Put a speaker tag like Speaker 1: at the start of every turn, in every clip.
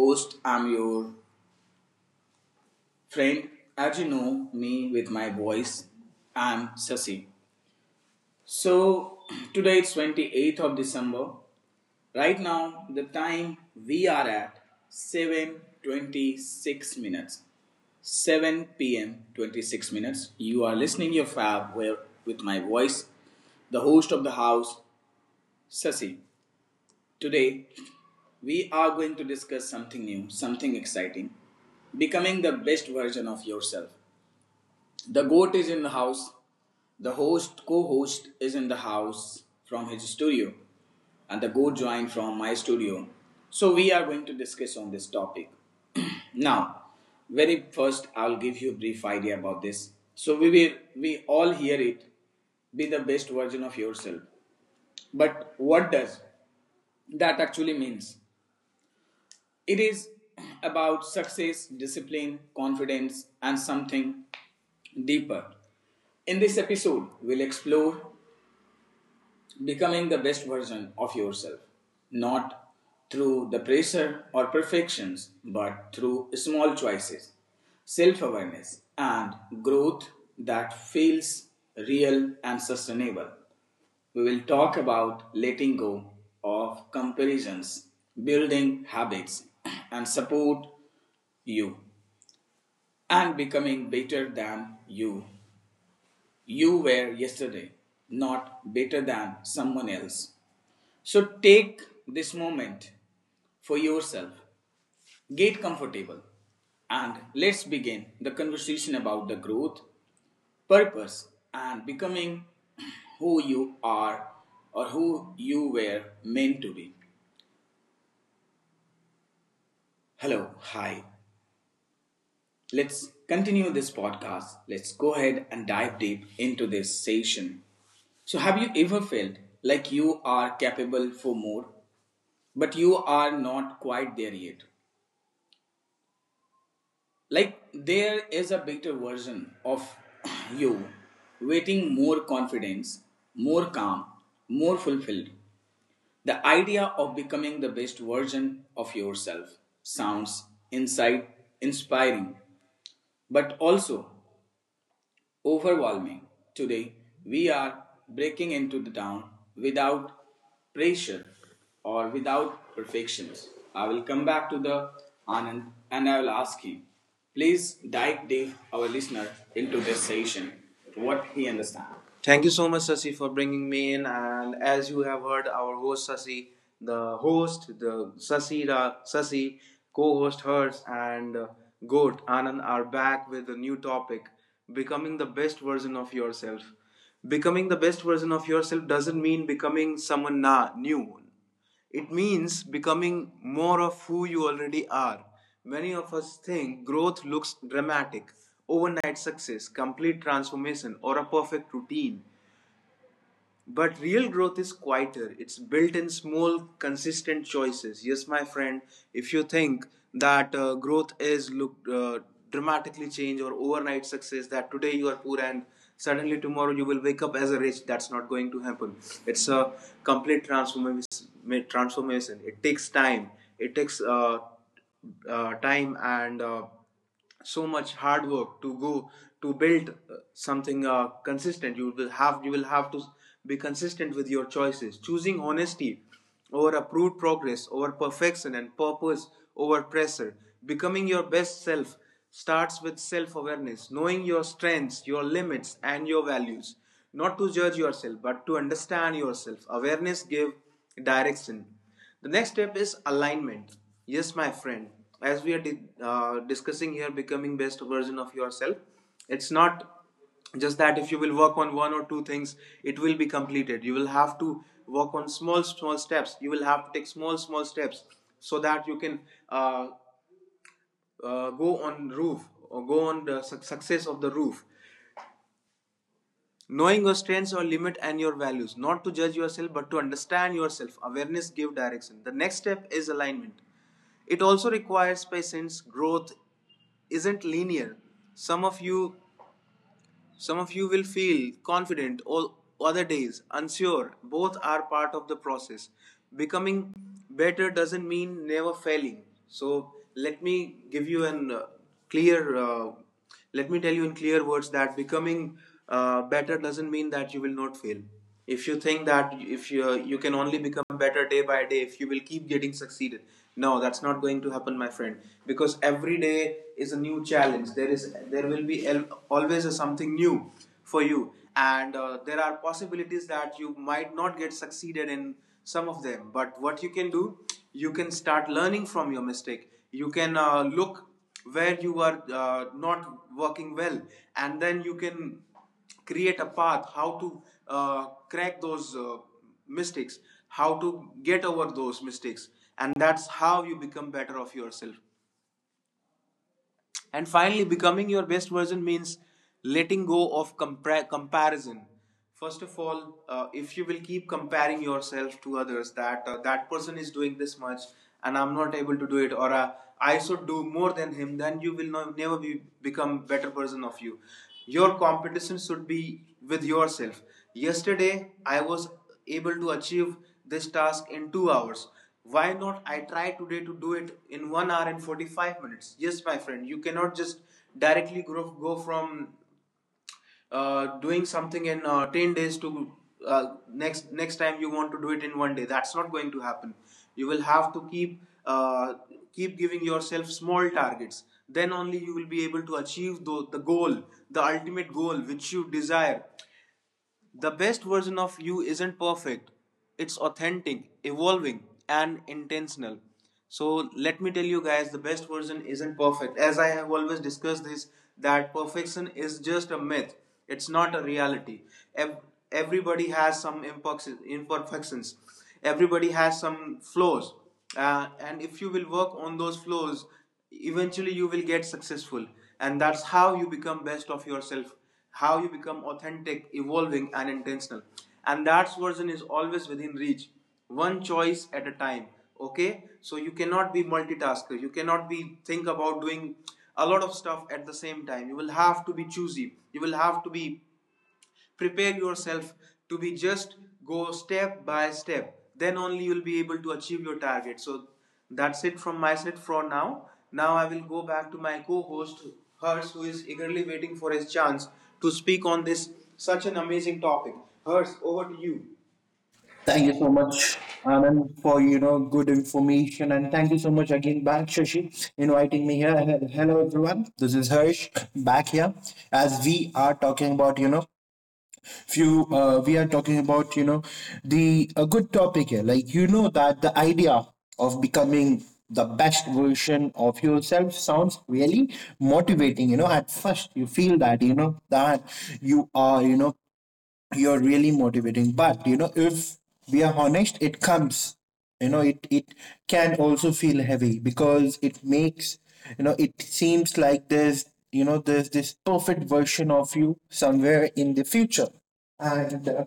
Speaker 1: Host. I'm your friend. As you know me with my voice, I'm Sasi. So, today it's 28th of December. Right now, the time we are at 7:26 minutes. 7 p.m. 26 minutes. You are listening your fab where with my voice, the host of the house, Sasi. Today, we are going to discuss something new, something exciting becoming the best version of yourself. The goat is in the house, the host, co host, is in the house from his studio, and the goat joined from my studio. So, we are going to discuss on this topic. Now, very first, I'll give you a brief idea about this. So, we all hear it be the best version of yourself. But what does that actually means? It is about success, discipline, confidence, and something deeper. In this episode, we'll explore becoming the best version of yourself, not through the pressure or perfections, but through small choices, self awareness, and growth that feels real and sustainable. We will talk about letting go of comparisons, building habits, and support you, and becoming better than you were yesterday, not better than someone else. So take this moment for yourself, get comfortable, and let's begin the conversation about the growth, purpose, and becoming who you are or who you were meant to be. Hello, hi. Let's continue this podcast. Let's go ahead and dive deep into this session. So, have you ever felt like you are capable for more, but you are not quite there yet? Like there is a better version of you waiting more confidence, more calm, more fulfilled. The idea of becoming the best version of yourself sounds inside inspiring, but also overwhelming. Today, we are breaking into the town without pressure or without perfections. I will come back to the Anand and I will ask him. Please dive deep, our listener, into this session, what he understands. Thank you so much, Sasi, for bringing me in. And as you have heard, our host Sasi, the host, the Sasi, Ra, Sasi, co-host hers, and Goat Anand are back with a new topic: becoming the best version of yourself. Becoming the best version of yourself doesn't mean becoming someone new. It means becoming more of who you already are. Many of us think growth looks dramatic, overnight success, complete transformation, or a perfect routine. But real growth is quieter. It's built in small, consistent choices. Yes, my friend, if you think that growth is look dramatically change or overnight success, that today you are poor and suddenly tomorrow you will wake up as a rich, that's not going to happen. It's a complete transformation. It takes time. It takes time and so much hard work to go to build something consistent. You will have to be consistent with your choices, choosing honesty over approved, progress over perfection, and purpose over pressure. Becoming your best self starts with self awareness, knowing your strengths, your limits, and your values, not to judge yourself but to understand yourself. Awareness give direction. The next step is alignment. Yes, my friend, as we are discussing here, becoming best version of yourself, it's not just that if you will work on one or two things, it will be completed. You will have to work on small, small steps. You will have to take small, small steps so that you can uh, go on roof or go on the success of the roof, knowing your strengths or limit and your values, not to judge yourself but to understand yourself. Awareness give direction. The next step is alignment. It also requires patience. Growth isn't linear. Some of you some of you will feel confident, or other days unsure. Both are part of the process. Becoming better doesn't mean never failing. So let me give you an clear. Let me tell you in clear words that becoming better doesn't mean that you will not fail. If you think that if you you can only become better day by day if you will keep getting succeeded, no, that's not going to happen, my friend, because every day is a new challenge. There will be always a something new for you, and there are possibilities that you might not get succeeded in some of them. But what you can do, you can start learning from your mistake. You can look where you are not working well, and then you can create a path how to crack those mistakes, how to get over those mistakes, and that's how you become better of yourself. And finally, becoming your best version means letting go of comparison. First of all, if you will keep comparing yourself to others, that person is doing this much and I'm not able to do it, or I should do more than him, then you will never be become better version of you. Your competition should be with yourself. Yesterday, I was able to achieve this task in 2 hours. Why not? I try today to do it in 1 hour and 45 minutes. Yes, my friend, you cannot just directly go from doing something in 10 days to next time you want to do it in 1 day. That's not going to happen. You will have to uh, keep giving yourself small targets. Then only you will be able to achieve the goal, the ultimate goal which you desire. The best version of you isn't perfect. It's authentic, evolving, and intentional. So let me tell you guys the best version isn't perfect. As I have always discussed this that perfection is just a myth. It's not a reality. Ev- Everybody has some imperfections. Everybody has some flaws, and if you will work on those flows, eventually you will get successful, and that's how you become best of yourself, how you become authentic, evolving, and intentional, and that version is always within reach, one choice at a time. Okay, so you cannot be multitasker. You cannot be think about doing a lot of stuff at the same time. You will have to be choosy. You will have to be prepare yourself to be just go step by step. Then only you'll be able to achieve your target. So that's it from my side for now. Now I will go back to my co-host hers, who is eagerly waiting for his chance to speak on this such an amazing topic. Hers, over to you.
Speaker 2: Thank you so much, Anand, for good information, and thank you so much again, back Shashi, inviting me here. And hello, everyone. This is Harsh back here, as we are talking about few. We are talking about you know the a good topic here, like that the idea of becoming the best version of yourself sounds really motivating at first. You feel that you are you know you're really motivating, but if we are honest, it comes you know it it can also feel heavy, because it seems like there's you know there's this perfect version of you somewhere in the future, and uh,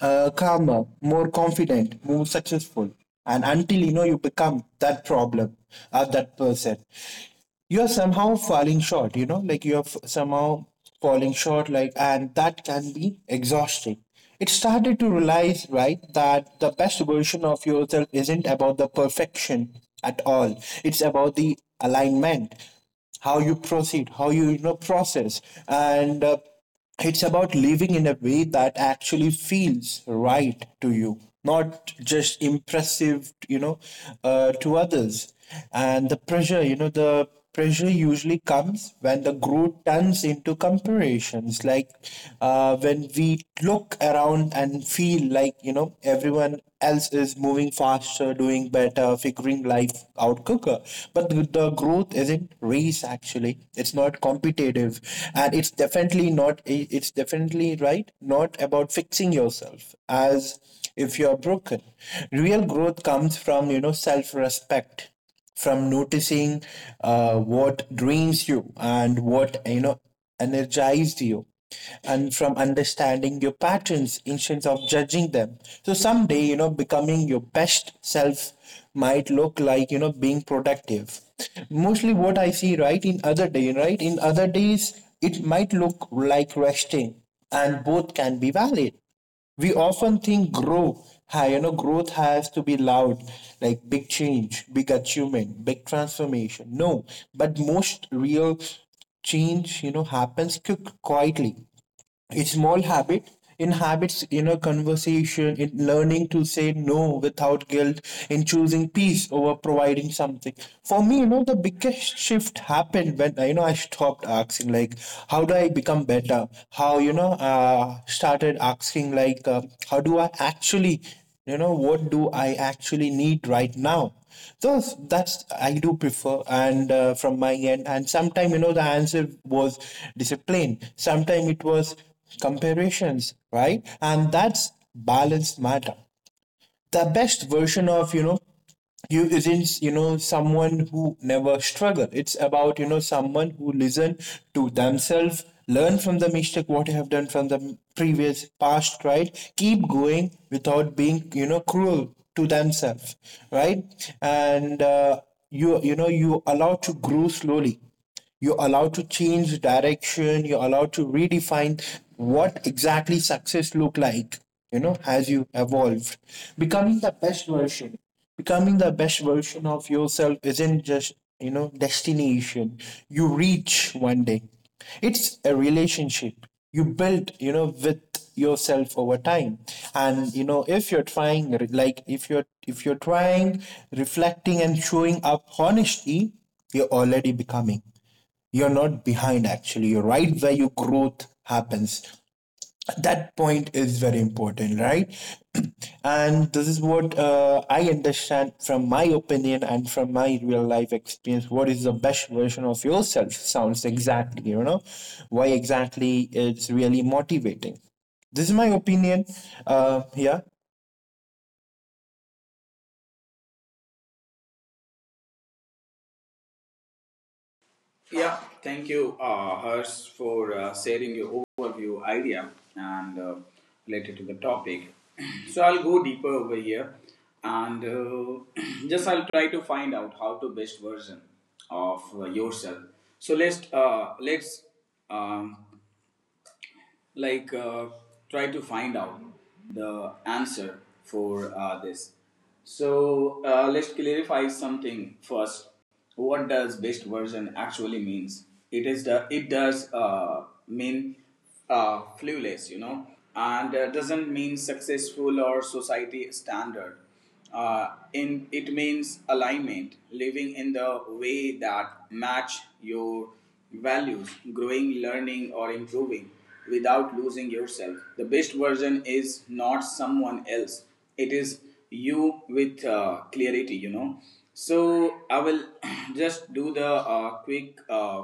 Speaker 2: uh, calmer, more confident, more successful. And until you become that problem or that person, you are somehow falling short. You are f- somehow falling short like And that can be exhausting. It started to realize, right, that the best version of yourself isn't about the perfection at all. It's about the alignment, how you proceed, how you, you know process, and it's about living in a way that actually feels right to you, not just impressive, to others. And the pressure usually comes when the growth turns into comparisons, like, when we look around and feel like everyone else is moving faster, doing better, figuring life out quicker. But the growth isn't race, actually. It's not competitive, and it's definitely not. It's definitely right. Not about fixing yourself as if you're broken. Real growth comes from self-respect, from noticing, what drains you and what energized you, and from understanding your patterns instead of judging them. So someday, becoming your best self might look like, being productive, mostly what I see, right, in other day, right, in other days it might look like resting, and both can be valid. We often think grow high you know growth has to be loud, like big change, big achievement, big transformation. No, but most real change happens, quietly, a small habit in habits, in a conversation, in learning to say no without guilt, in choosing peace over providing something for me. The biggest shift happened when, I stopped asking, like, how do I become better, how, started asking, like, how do I actually, what do I actually need right now. So that's, I do prefer, and from my end. And sometimes, the answer was discipline. Sometimes it was comparisons, right? And that's balanced matter. The best version of you isn't someone who never struggle. It's about someone who listen to themselves, learn from the mistake what you have done from the previous past, right? Keep going without being cruel to themselves, right? And you allow to grow slowly. You're allowed to change direction. You're allowed to redefine what exactly success look like, as you evolved. Becoming the best version. Becoming the best version of yourself isn't just, destination. You reach one day. It's a relationship you build, with yourself over time, and if you're trying, like, if you're trying reflecting and showing up honesty, you're already becoming. You're not behind, actually. You're right where your growth happens. That point is very important, right? And this is what, I understand from my opinion and from my real life experience. What is the best version of yourself? Sounds exactly, why exactly it's really motivating. This is my opinion. Yeah.
Speaker 1: Yeah, thank you, Hers, for sharing your overview idea and related to the topic. So I'll go deeper over here, and just I'll try to find out how to best version of yourself. So let's um, like try to find out the answer for this. So let's clarify something first. What does best version actually means? It is the it does mean flawless, and doesn't mean successful or society standard uh, in it means alignment, living in the way that match your values, growing, learning, or improving without losing yourself. The best version is not someone else. It is you with clarity, so I will just do the quick,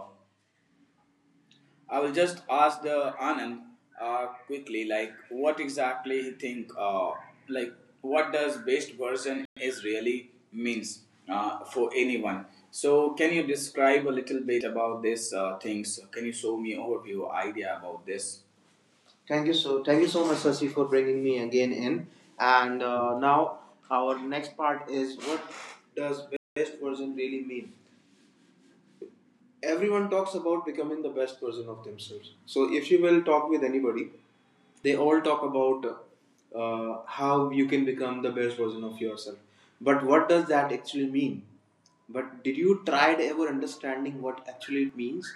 Speaker 1: I will just ask the Anand quickly, like what exactly he think, like what does best version is really means for anyone. So can you describe a little bit about this things? Can you show me overview idea about this? Thank you so much, Sasi, for bringing me again in. And now our next part is what does best version really mean? Everyone talks about becoming the best version of themselves. So if you will talk with anybody, they all talk about how you can become the best version of yourself. But what does that actually mean? But did you try to ever understanding what actually it means?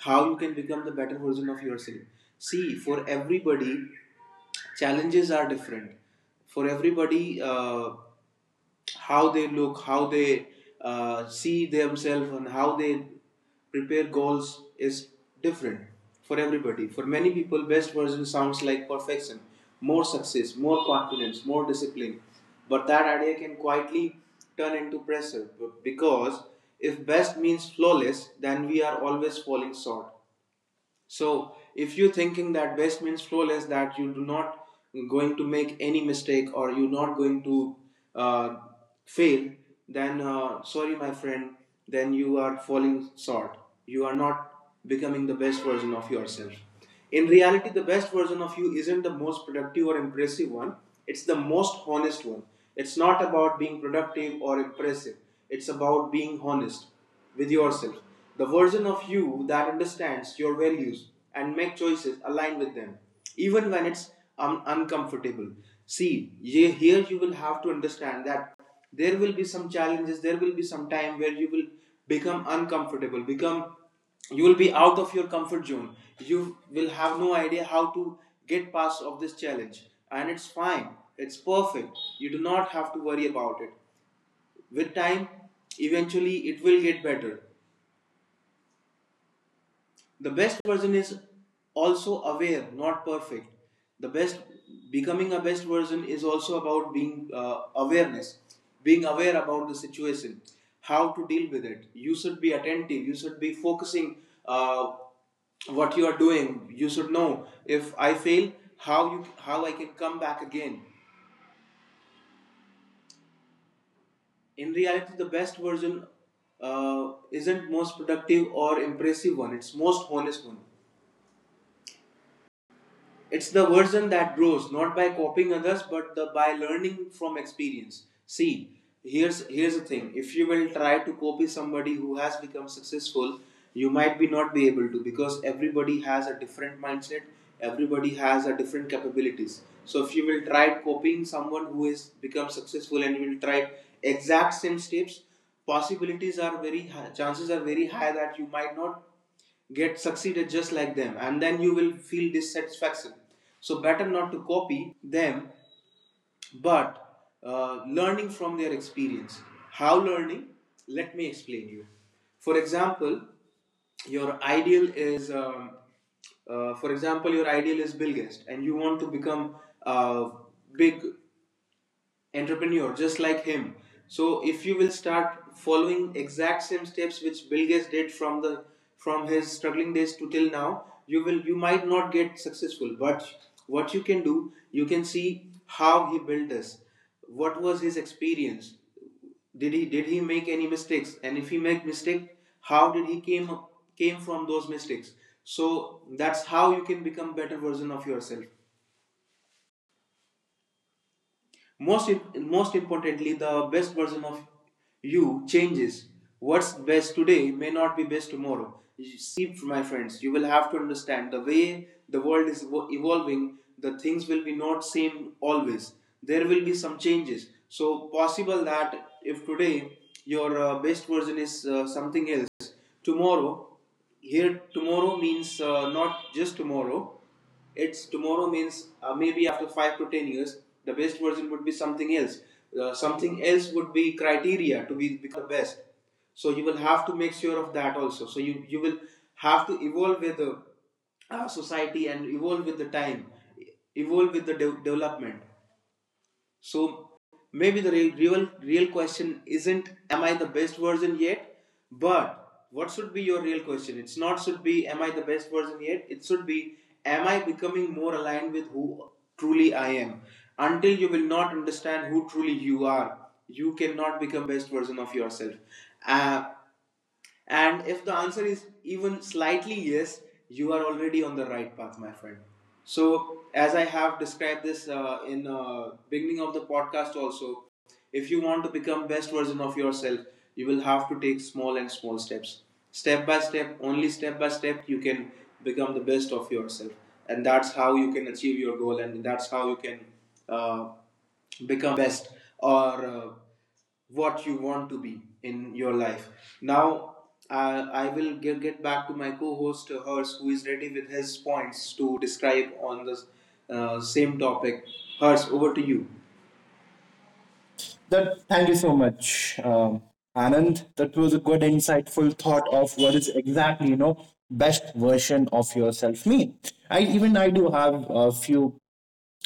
Speaker 1: How you can become the better version of yourself? See, for everybody, challenges are different. For everybody, how they look, how they see themselves, and how they prepare goals is different for everybody. For many people, best version sounds like perfection, more success, more confidence, more discipline. But that idea can quietly turn into pressure because if best means flawless, then we are always falling short. So if you're thinking that best means flawless, that you do not going to make any mistake or you're not going to uh, fail, then sorry, my friend, then you are falling short. You are not becoming the best version of yourself. In reality, the best version of you isn't the most productive or impressive one, it's the most honest one. It's not about being productive or impressive, it's about being honest with yourself. The version of you that understands your values and make choices aligned with them, even when it's uncomfortable. See, here you will have to understand that there will be some challenges, there will be some time where you will become uncomfortable, become you will be out of your comfort zone. You will have no idea how to get past of this challenge, and it's fine, it's perfect. You do not have to worry about it. With time, eventually it will get better. The best version is also aware, not perfect. The best Becoming a best version is also about being awareness, being aware about the situation, how to deal with it. You should be attentive, you should be focusing uh, what you are doing. You should know if I fail, how I can come back again. In reality, the best version isn't most productive or impressive one, it's most honest one. It's the version that grows not by copying others, but by learning from experience. See, here's the thing. If you will try to copy somebody who has become successful, you might be not be able to, because everybody has a different mindset. Everybody has a different capabilities. So if you will try copying someone who has become successful and you will try exact same steps, possibilities are very high, chances are very high that you might not get succeeded just like them, and then you will feel dissatisfaction. So better not to copy them, but learning from their experience. How learning Let me explain you. for example your ideal is um, for example, your ideal is Bill Gates, and you want to become a big entrepreneur just like him. So if you will start following exact same steps which Bill Gates did from the from his struggling days to till now, you might not get successful. But what you can do, you can see how he built this, what was his experience. Did he make any mistakes? And if he make mistake, how did he came from those mistakes? So that's how you can become better version of yourself. most, Most importantly, the best version of you changes. What's best today may not be best tomorrow. You see, my friends, you will have to understand the way the world is evolving. The things will be not same always. There will be some changes. So possible that if today your best version is something else, tomorrow, here tomorrow means not just tomorrow, it's tomorrow means maybe after 5 to 10 years, the best version would be something else. Something else would be criteria to be become the best. So you will have to make sure of that also. So you will have to evolve with the society, and evolve with the time, evolve with the development. So maybe the real question isn't am I the best version yet, but what should be your real question? It's not should be am I the best version yet. It should be am I becoming more aligned with who truly I am. Until you will not understand who truly you are, you cannot become best version of yourself. Uh, and if the answer is even slightly yes, you are already on the right path, my friend. So, as I have described this in beginning of the podcast, also, if you want to become best version of yourself, you will have to take small and small steps, step by step. Only step by step, you can become the best of yourself, and that's how you can achieve your goal, and that's how you can uh, become best or what you want to be in your life. Now, I will get back to my co-host, Hers, who is ready with his points to describe on the same topic. Hers, over to you.
Speaker 2: That Thank you so much, Anand. That was a good, insightful thought of what is exactly, best version of yourself mean. I do have a few,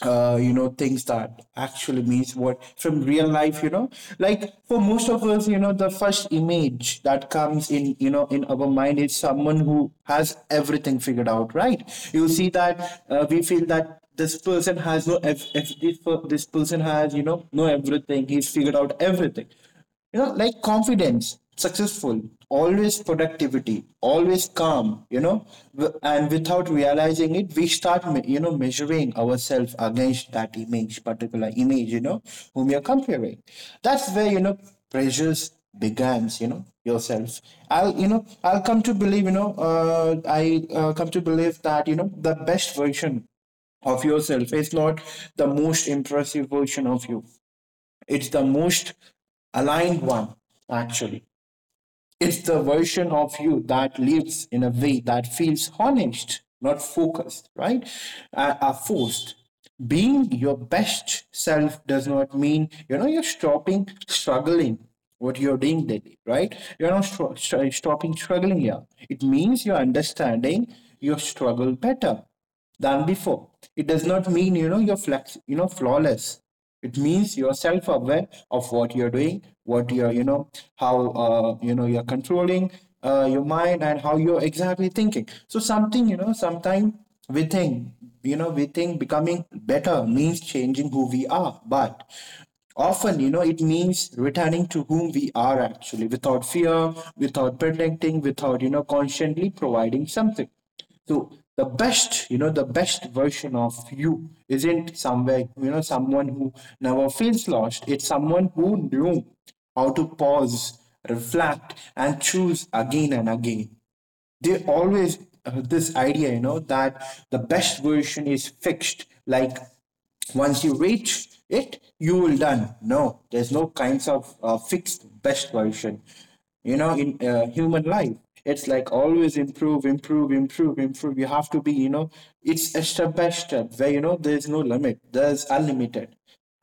Speaker 2: things that actually means what from real life, like for most of us, the first image that comes in, in our mind is someone who has everything figured out, right? You see that, we feel that this person has no, if this, per- this person has, no everything, he's figured out everything, like confidence, successful, always productivity, always calm, and without realizing it we start, measuring ourselves against that image, particular image, whom you're comparing, that's where pressures begins, yourself, I'll come to believe, that the best version of yourself is not the most impressive version of you. It's the most aligned one, actually. It's the version of you that lives in a way that feels honest, not focused, right? Are forced. Being your best self does not mean, you're stopping struggling what you're doing daily, right? You're not stopping struggling here. It means you're understanding your struggle better than before. It does not mean you're flex, you know flawless. It means you're self-aware of what you're doing, what you're controlling, your mind, and how you're exactly thinking. So something you know sometimes we think, we think becoming better means changing who we are, but often, it means returning to whom we are, actually, without fear, without protecting, without constantly providing something. So the best version of you isn't somewhere you know someone who never feels lost. It's someone who knew how to pause, reflect, and choose again and again. They always This idea, that the best version is fixed, like once you reach it you will done. No, there's no kinds of, fixed best version, in, human life. It's like always improve, improve, improve, improve. You have to be, it's a step by step where, there's no limit, there's unlimited.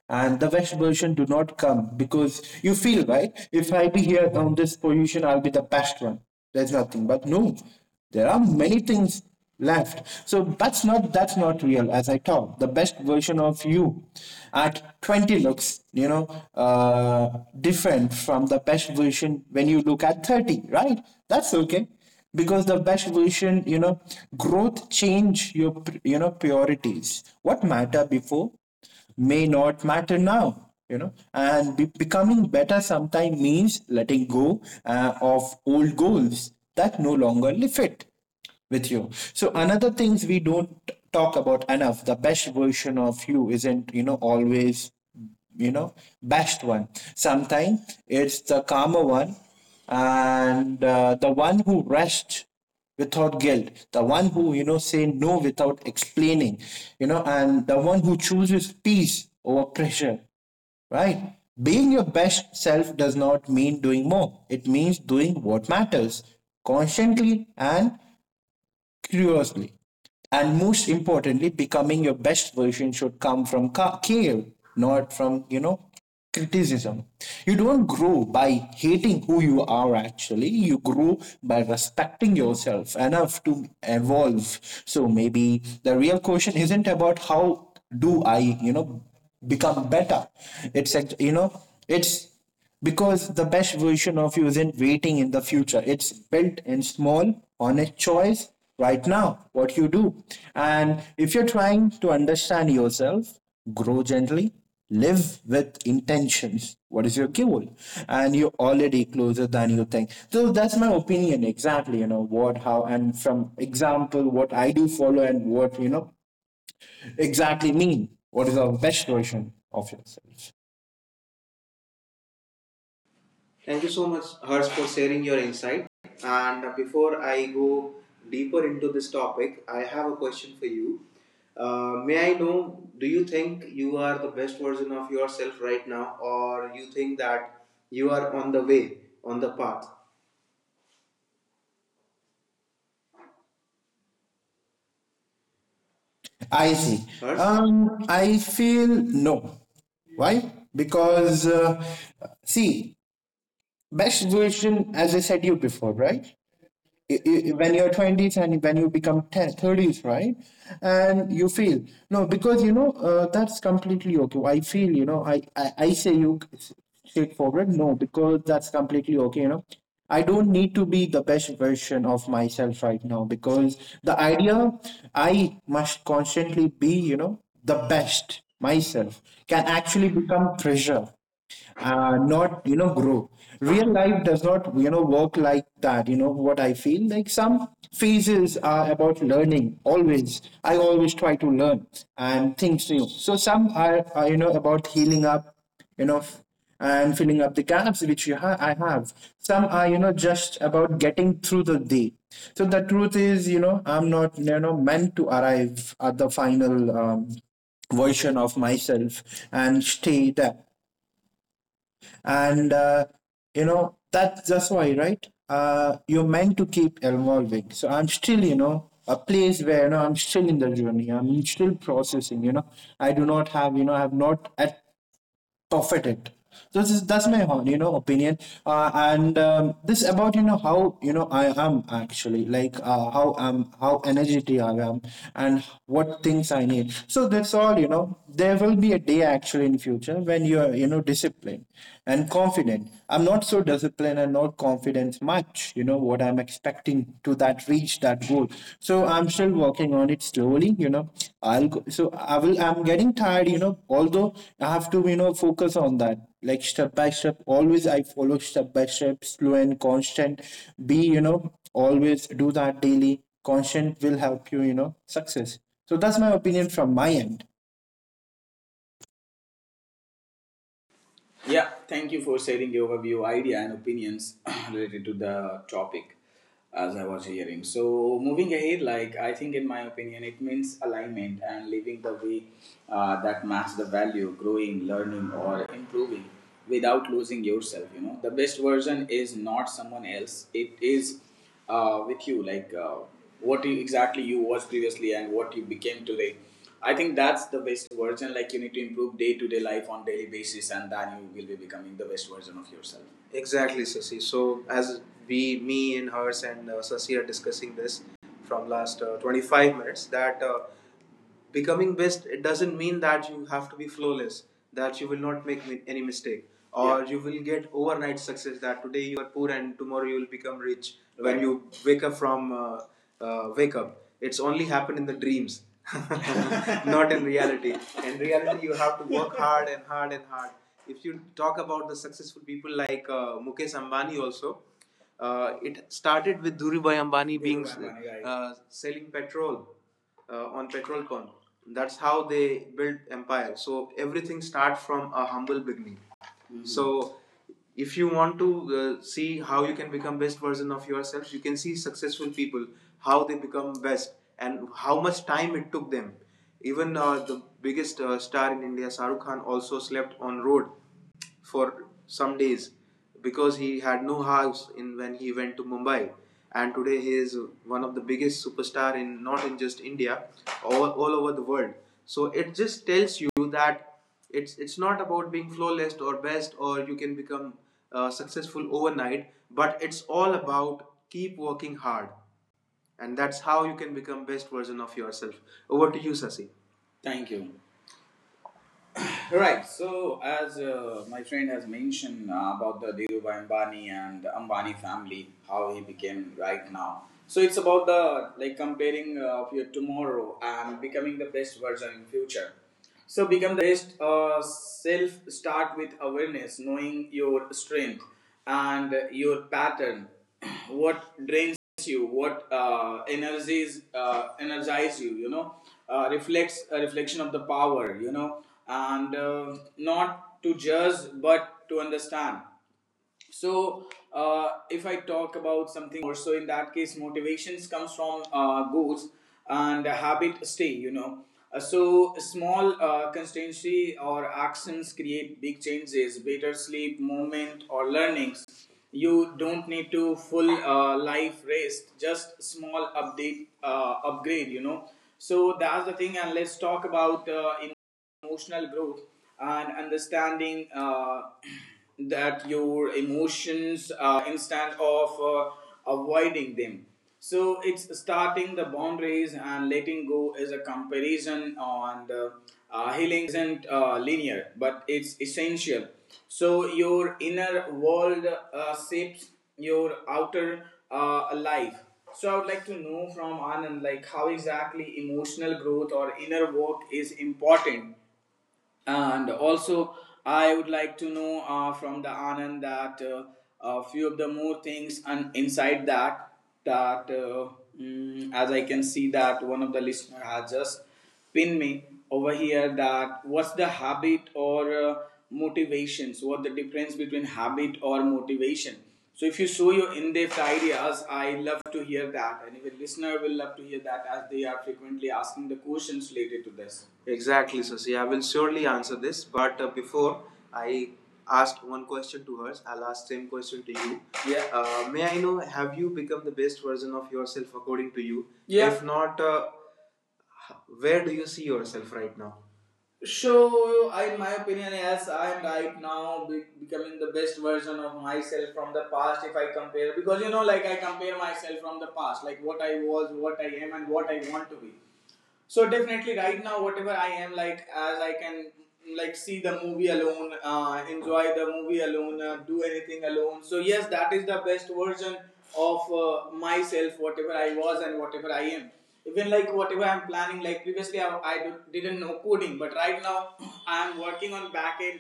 Speaker 2: And the West version do not come because you feel right. If I be here on this position, I'll be the best one. There's nothing, but no, there are many things left. So that's not real. As I talk, the best version of you at 20 looks, uh, different from the best version when you look at 30. Right? That's okay because the best version, growth change your, priorities. What matter before may not matter now, and becoming better sometimes means letting go, of old goals that no longer fit with you. So another things we don't talk about enough. The best version of you isn't, always you know best one. Sometimes it's the calmer one, and the one who rests without guilt, the one who say no without explaining, and the one who chooses peace over pressure, right? Being your best self does not mean doing more. It means doing what matters constantly and curiously. And most importantly, becoming your best version should come from care, not from, criticism. You don't grow by hating who you are, actually. You grow by respecting yourself enough to evolve. So maybe the real question isn't about how do I, become better. It's, act- you know, It's because the best version of you isn't waiting in the future. It's built in small honest choice right now what you do. And if you're trying to understand yourself, grow gently, live with intentions, what is your goal, and you're already closer than you think. So that's my opinion exactly, what, how, and from example what I do follow, and what, exactly mean, what is the best version of yourself.
Speaker 1: Thank you so much, Hers, for sharing your insight. And before I go deeper into this topic, I have a question for you. May I know, do you think you are the best version of yourself right now, or you think that you are on the way, on the path?
Speaker 2: I see.
Speaker 1: Hers?
Speaker 2: I feel no. Why? Because, see, best version, as I said you before, right? When you're 20s, and when you become 10, 30s, right? And you feel no, because, that's completely okay. I feel, I say you straightforward no, because that's completely okay. I don't need to be the best version of myself right now, because the idea I must constantly be, the best myself can actually become pressure, not, grow. Real life does not, work like that. What I feel like, some phases are about learning. Always, I always try to learn and things new. So some are, about healing up, you know f- and filling up the gaps which I have. Some are, just about getting through the day. So the truth is, I'm not, meant to arrive at the final, version of myself and stay there, and that's why, right? You're meant to keep evolving. So I'm still, a place where, I'm still in the journey. I'm still processing, I do not have, I have not at perfect it. So This is That's my, opinion, and this about, how, I am actually, how I'm, how energetic I am and what things I need. So that's all. There will be a day, actually, in future when you are, disciplined and confident. I'm not so disciplined and not confident much, what I'm expecting to that reach that goal. So I'm still working on it slowly. I'll go, so I'm getting tired, although I have to, focus on that, like, step by step. Always I follow step by step, slow and constant. Be, always do that daily constant, will help you, you know success. So that's my opinion from my end.
Speaker 1: Yeah, thank you for sharing your overview, idea, and opinions related to the topic as I was hearing. So, moving ahead, I think, in my opinion, it means alignment and living the way that match the value, growing, learning, or improving without losing yourself. You know, the best version is not someone else, it is with you, what you, exactly you was previously and what you became today. I think that's the best version. You need to improve day to day life on daily basis, and then you will be becoming the best version of yourself. Exactly, Sasi. So as we, me, and Hers and Sasi are discussing this from last 25 minutes, that becoming best, it doesn't mean that you have to be flawless, that you will not make any mistake, or yeah, you will get overnight success, that today you are poor and tomorrow you will become rich, right? when Right. You wake up from wake up, it's only happened in the dreams not in reality. In reality, you have to work hard and hard and hard. If you talk about the successful people, like Mukesh Ambani, also it started with Dhirubhai Ambani being, right, selling petrol on petrolcon. That's how they built empire. So everything starts from a humble beginning. Mm-hmm. So if you want to see how you can become best version of yourself, you can see successful people, how they become best and how much time it took them. Even the biggest star in India, Shahrukh Khan also slept on road for some days because he had no house in when he went to Mumbai. And today he is one of the biggest superstar in not in just India, all over the world. So it just tells you that it's not about being flawless or best, or you can become successful overnight, but it's all about keep working hard, and that's how you can become best version of yourself. Over to you, Sasi. Thank you. Right. So, as my friend has mentioned about the Dhirubhai Ambani and Ambani family, how he became right now. So it's about the like comparing of your tomorrow and becoming the best version in future. So become best self. Start with awareness, knowing your strength and your pattern, what drains you, what energies energize you, you know, reflects a reflection of the power, you know, and not to judge but to understand. So if I talk about something, so in that case, motivations comes from goals and habit stay, you know. So small consistency or actions create big changes, better sleep movement or learnings. You don't need to full life rest, just small update upgrade, you know. So that's the thing. And let's talk about emotional growth and understanding that your emotions instead of avoiding them. So it's starting the boundaries, and letting go is a comparison on the healing isn't linear, but it's essential. So your inner world shapes your outer life. So I would like to know from Anand, like how exactly emotional growth or inner work is important. And also, I would like to know from the Anand that a few of the more things, and inside that, that as I can see that one of the listener has just pinned me over here, that what's the habit or motivations? What the difference between habit or motivation? So if you show your in-depth ideas, I love to hear that, and even listener will love to hear that as they are frequently asking the questions related to this. Exactly, Sasi. I will surely answer this, but before I asked one question to her, I'll ask same question to you. Yeah. May I know, have you become the best version of yourself according to you? Yeah. If not, where do you see yourself right now? So, I, in my opinion, yes, I am right now becoming the best version of myself from the past. If I compare, because you know, like I compare myself from the past, like what I was, what I am, and what I want to be. So definitely, right now, whatever I am like, as I can like see the movie alone, enjoy the movie alone, do anything alone. So yes, that is the best version of myself, whatever I was and whatever I am. Even like whatever I'm planning, like previously I didn't know coding, but right now I'm working on backend,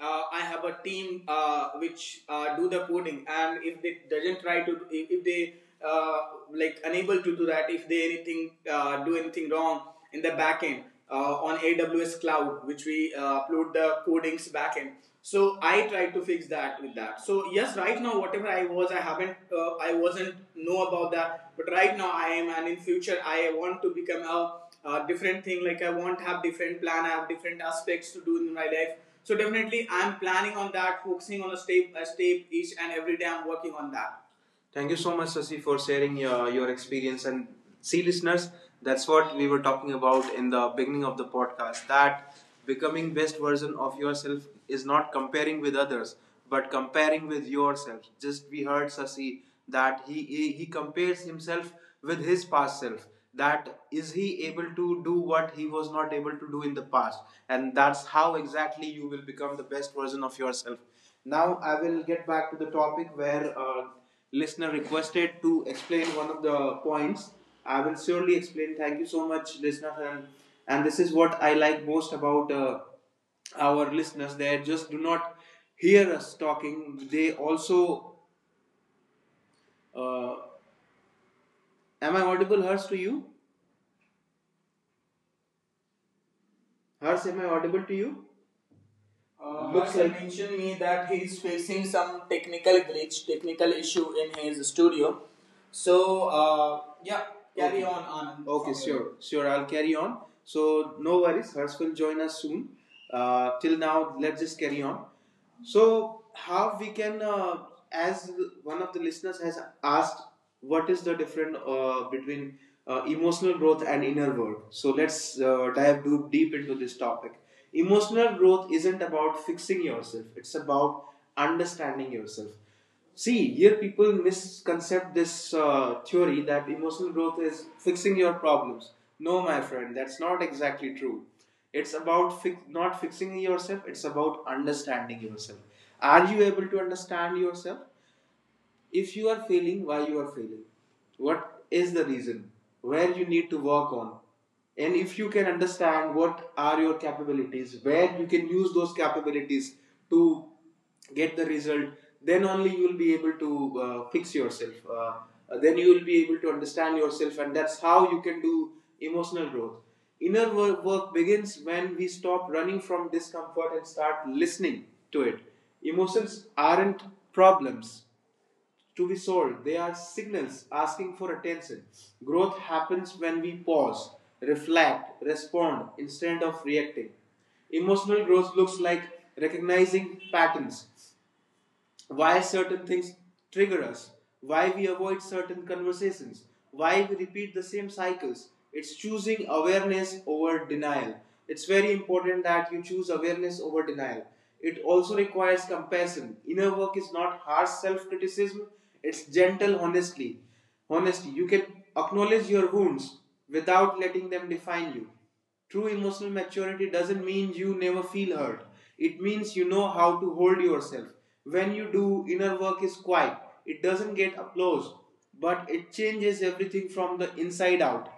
Speaker 1: I have a team which do the coding, and if they doesn't try to, if they uh, like unable to do that, if they anything do anything wrong in the backend on AWS cloud, which we upload the codings backend. So I try to fix that with that. So yes, right now whatever I was, I haven't, I wasn't know about that. But right now I am, and in future I want to become a different thing. Like I want to have different plan, I have different aspects to do in my life, so definitely, I'm planning on that, focusing on a step each and every day. I'm working on that. Thank you so much, Sasi, for sharing your experience. And see, listeners, that's what we were talking about in the beginning of the podcast, that becoming best version of yourself is not comparing with others, but comparing with yourself. Just we heard Sasi that he compares himself with his past self. That is, he able to do what he was not able to do in the past? And that's how exactly you will become the best version of yourself. Now I will get back to the topic where listener requested to explain one of the points. I will surely explain. Thank you so much, listener, and this is what I like most about our listeners. They just do not hear us talking. They also. Uh, am I audible, Hers, to you? Hers, am I audible to you? Looks like- mentioned me that he's facing some technical glitch, technical issue in his studio. So yeah, carry okay, on, Anand. Okay, sure, sure. I'll carry on. So no worries. Hers will join us soon. Till now, let's just carry on. So, how we can, as one of the listeners has asked, what is the difference between emotional growth and inner work? So, let's dive deep, deep into this topic. Emotional growth isn't about fixing yourself, it's about understanding yourself. See, here people misconcept this theory that emotional growth is fixing your problems. No, my friend, that's not exactly true. It's about not fixing yourself, it's about understanding yourself. Are you able to understand yourself? If you are failing, why you are failing, what is the reason, where you need to work on, and if you can understand what are your capabilities, where you can use those capabilities to get the result, then only you will be able to fix yourself, then you will be able to understand yourself. And that's how you can do emotional growth. Inner work, work begins when we stop running from discomfort and start listening to it. Emotions aren't problems to be sold. They are signals asking for attention. Growth happens when we pause, reflect, respond instead of reacting. Emotional growth looks like recognizing patterns, why certain things trigger us, why we avoid certain conversations, why we repeat the same cycles. It's choosing awareness over denial. It's very important that you choose awareness over denial. It also requires compassion. Inner work is not harsh self criticism, it's gentle honesty. Honesty, you can acknowledge your wounds without letting them define you. True emotional maturity doesn't mean you never feel hurt. It means you know how to hold yourself. When you do, inner work is quiet. It doesn't get applause, but it changes everything from the inside out.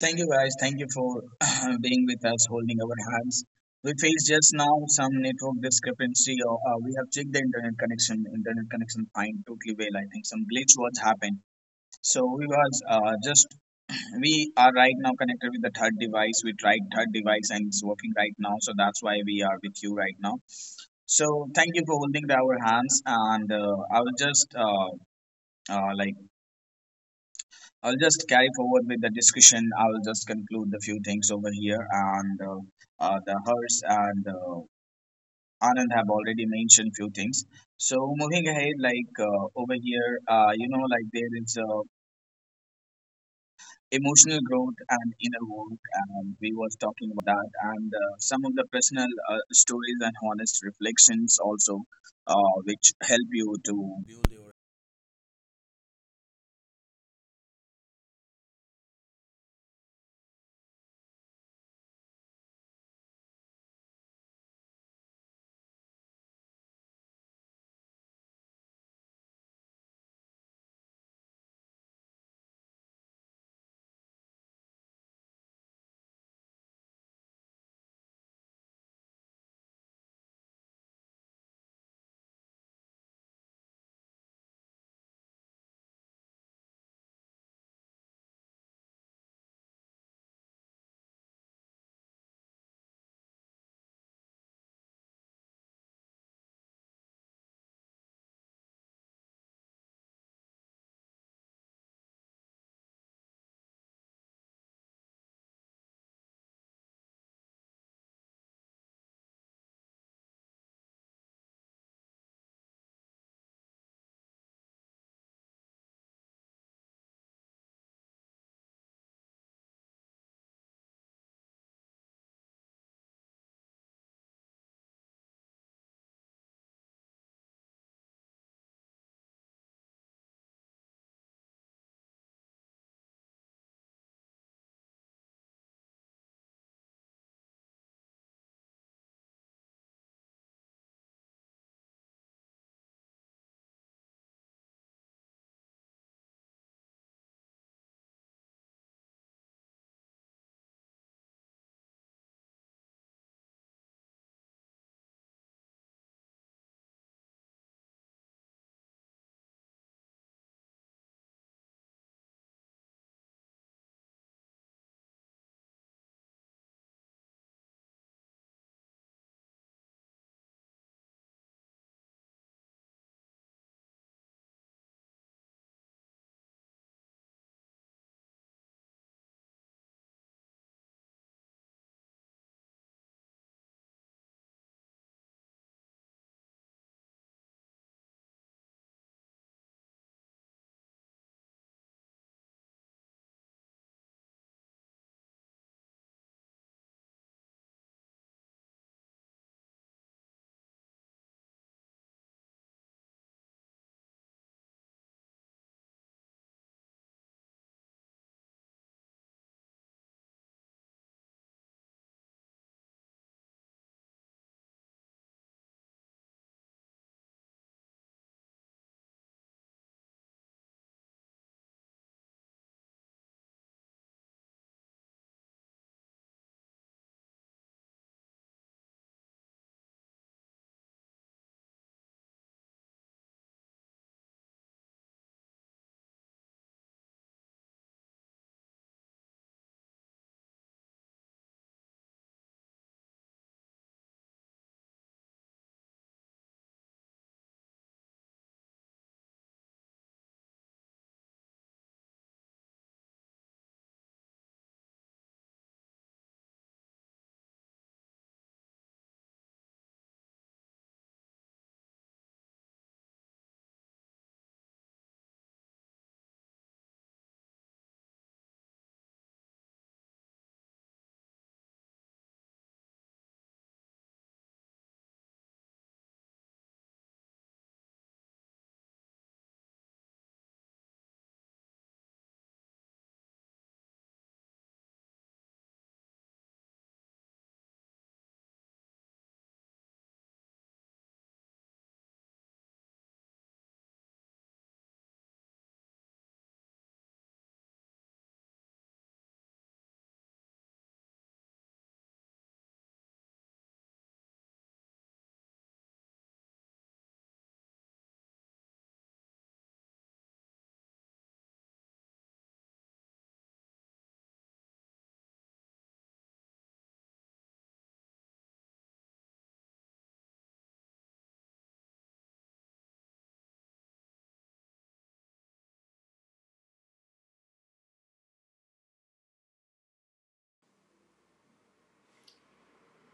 Speaker 1: Thank you guys. Thank you for being with us, holding our hands. We faced just now some network discrepancy, or we have checked the internet connection. Internet connection fine, totally well. I think some glitch was happened. So we was just we are right now connected with the third device. We tried third device and it's working right now. So that's why we are with you right now. So thank you for holding our hands, and I will just like I'll just carry forward with the discussion. I'll just conclude the few things over here, and the Hers and Anand have already mentioned few things. So moving ahead, like over here, you know, like there is emotional growth and inner work, and we was talking about that, and some of the personal stories and honest reflections also, which help you to.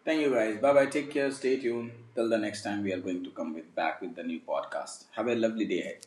Speaker 1: Thank you guys. Bye bye. Take care. Stay tuned. Till the next time, we are going to come with back with the new podcast. Have a lovely day ahead.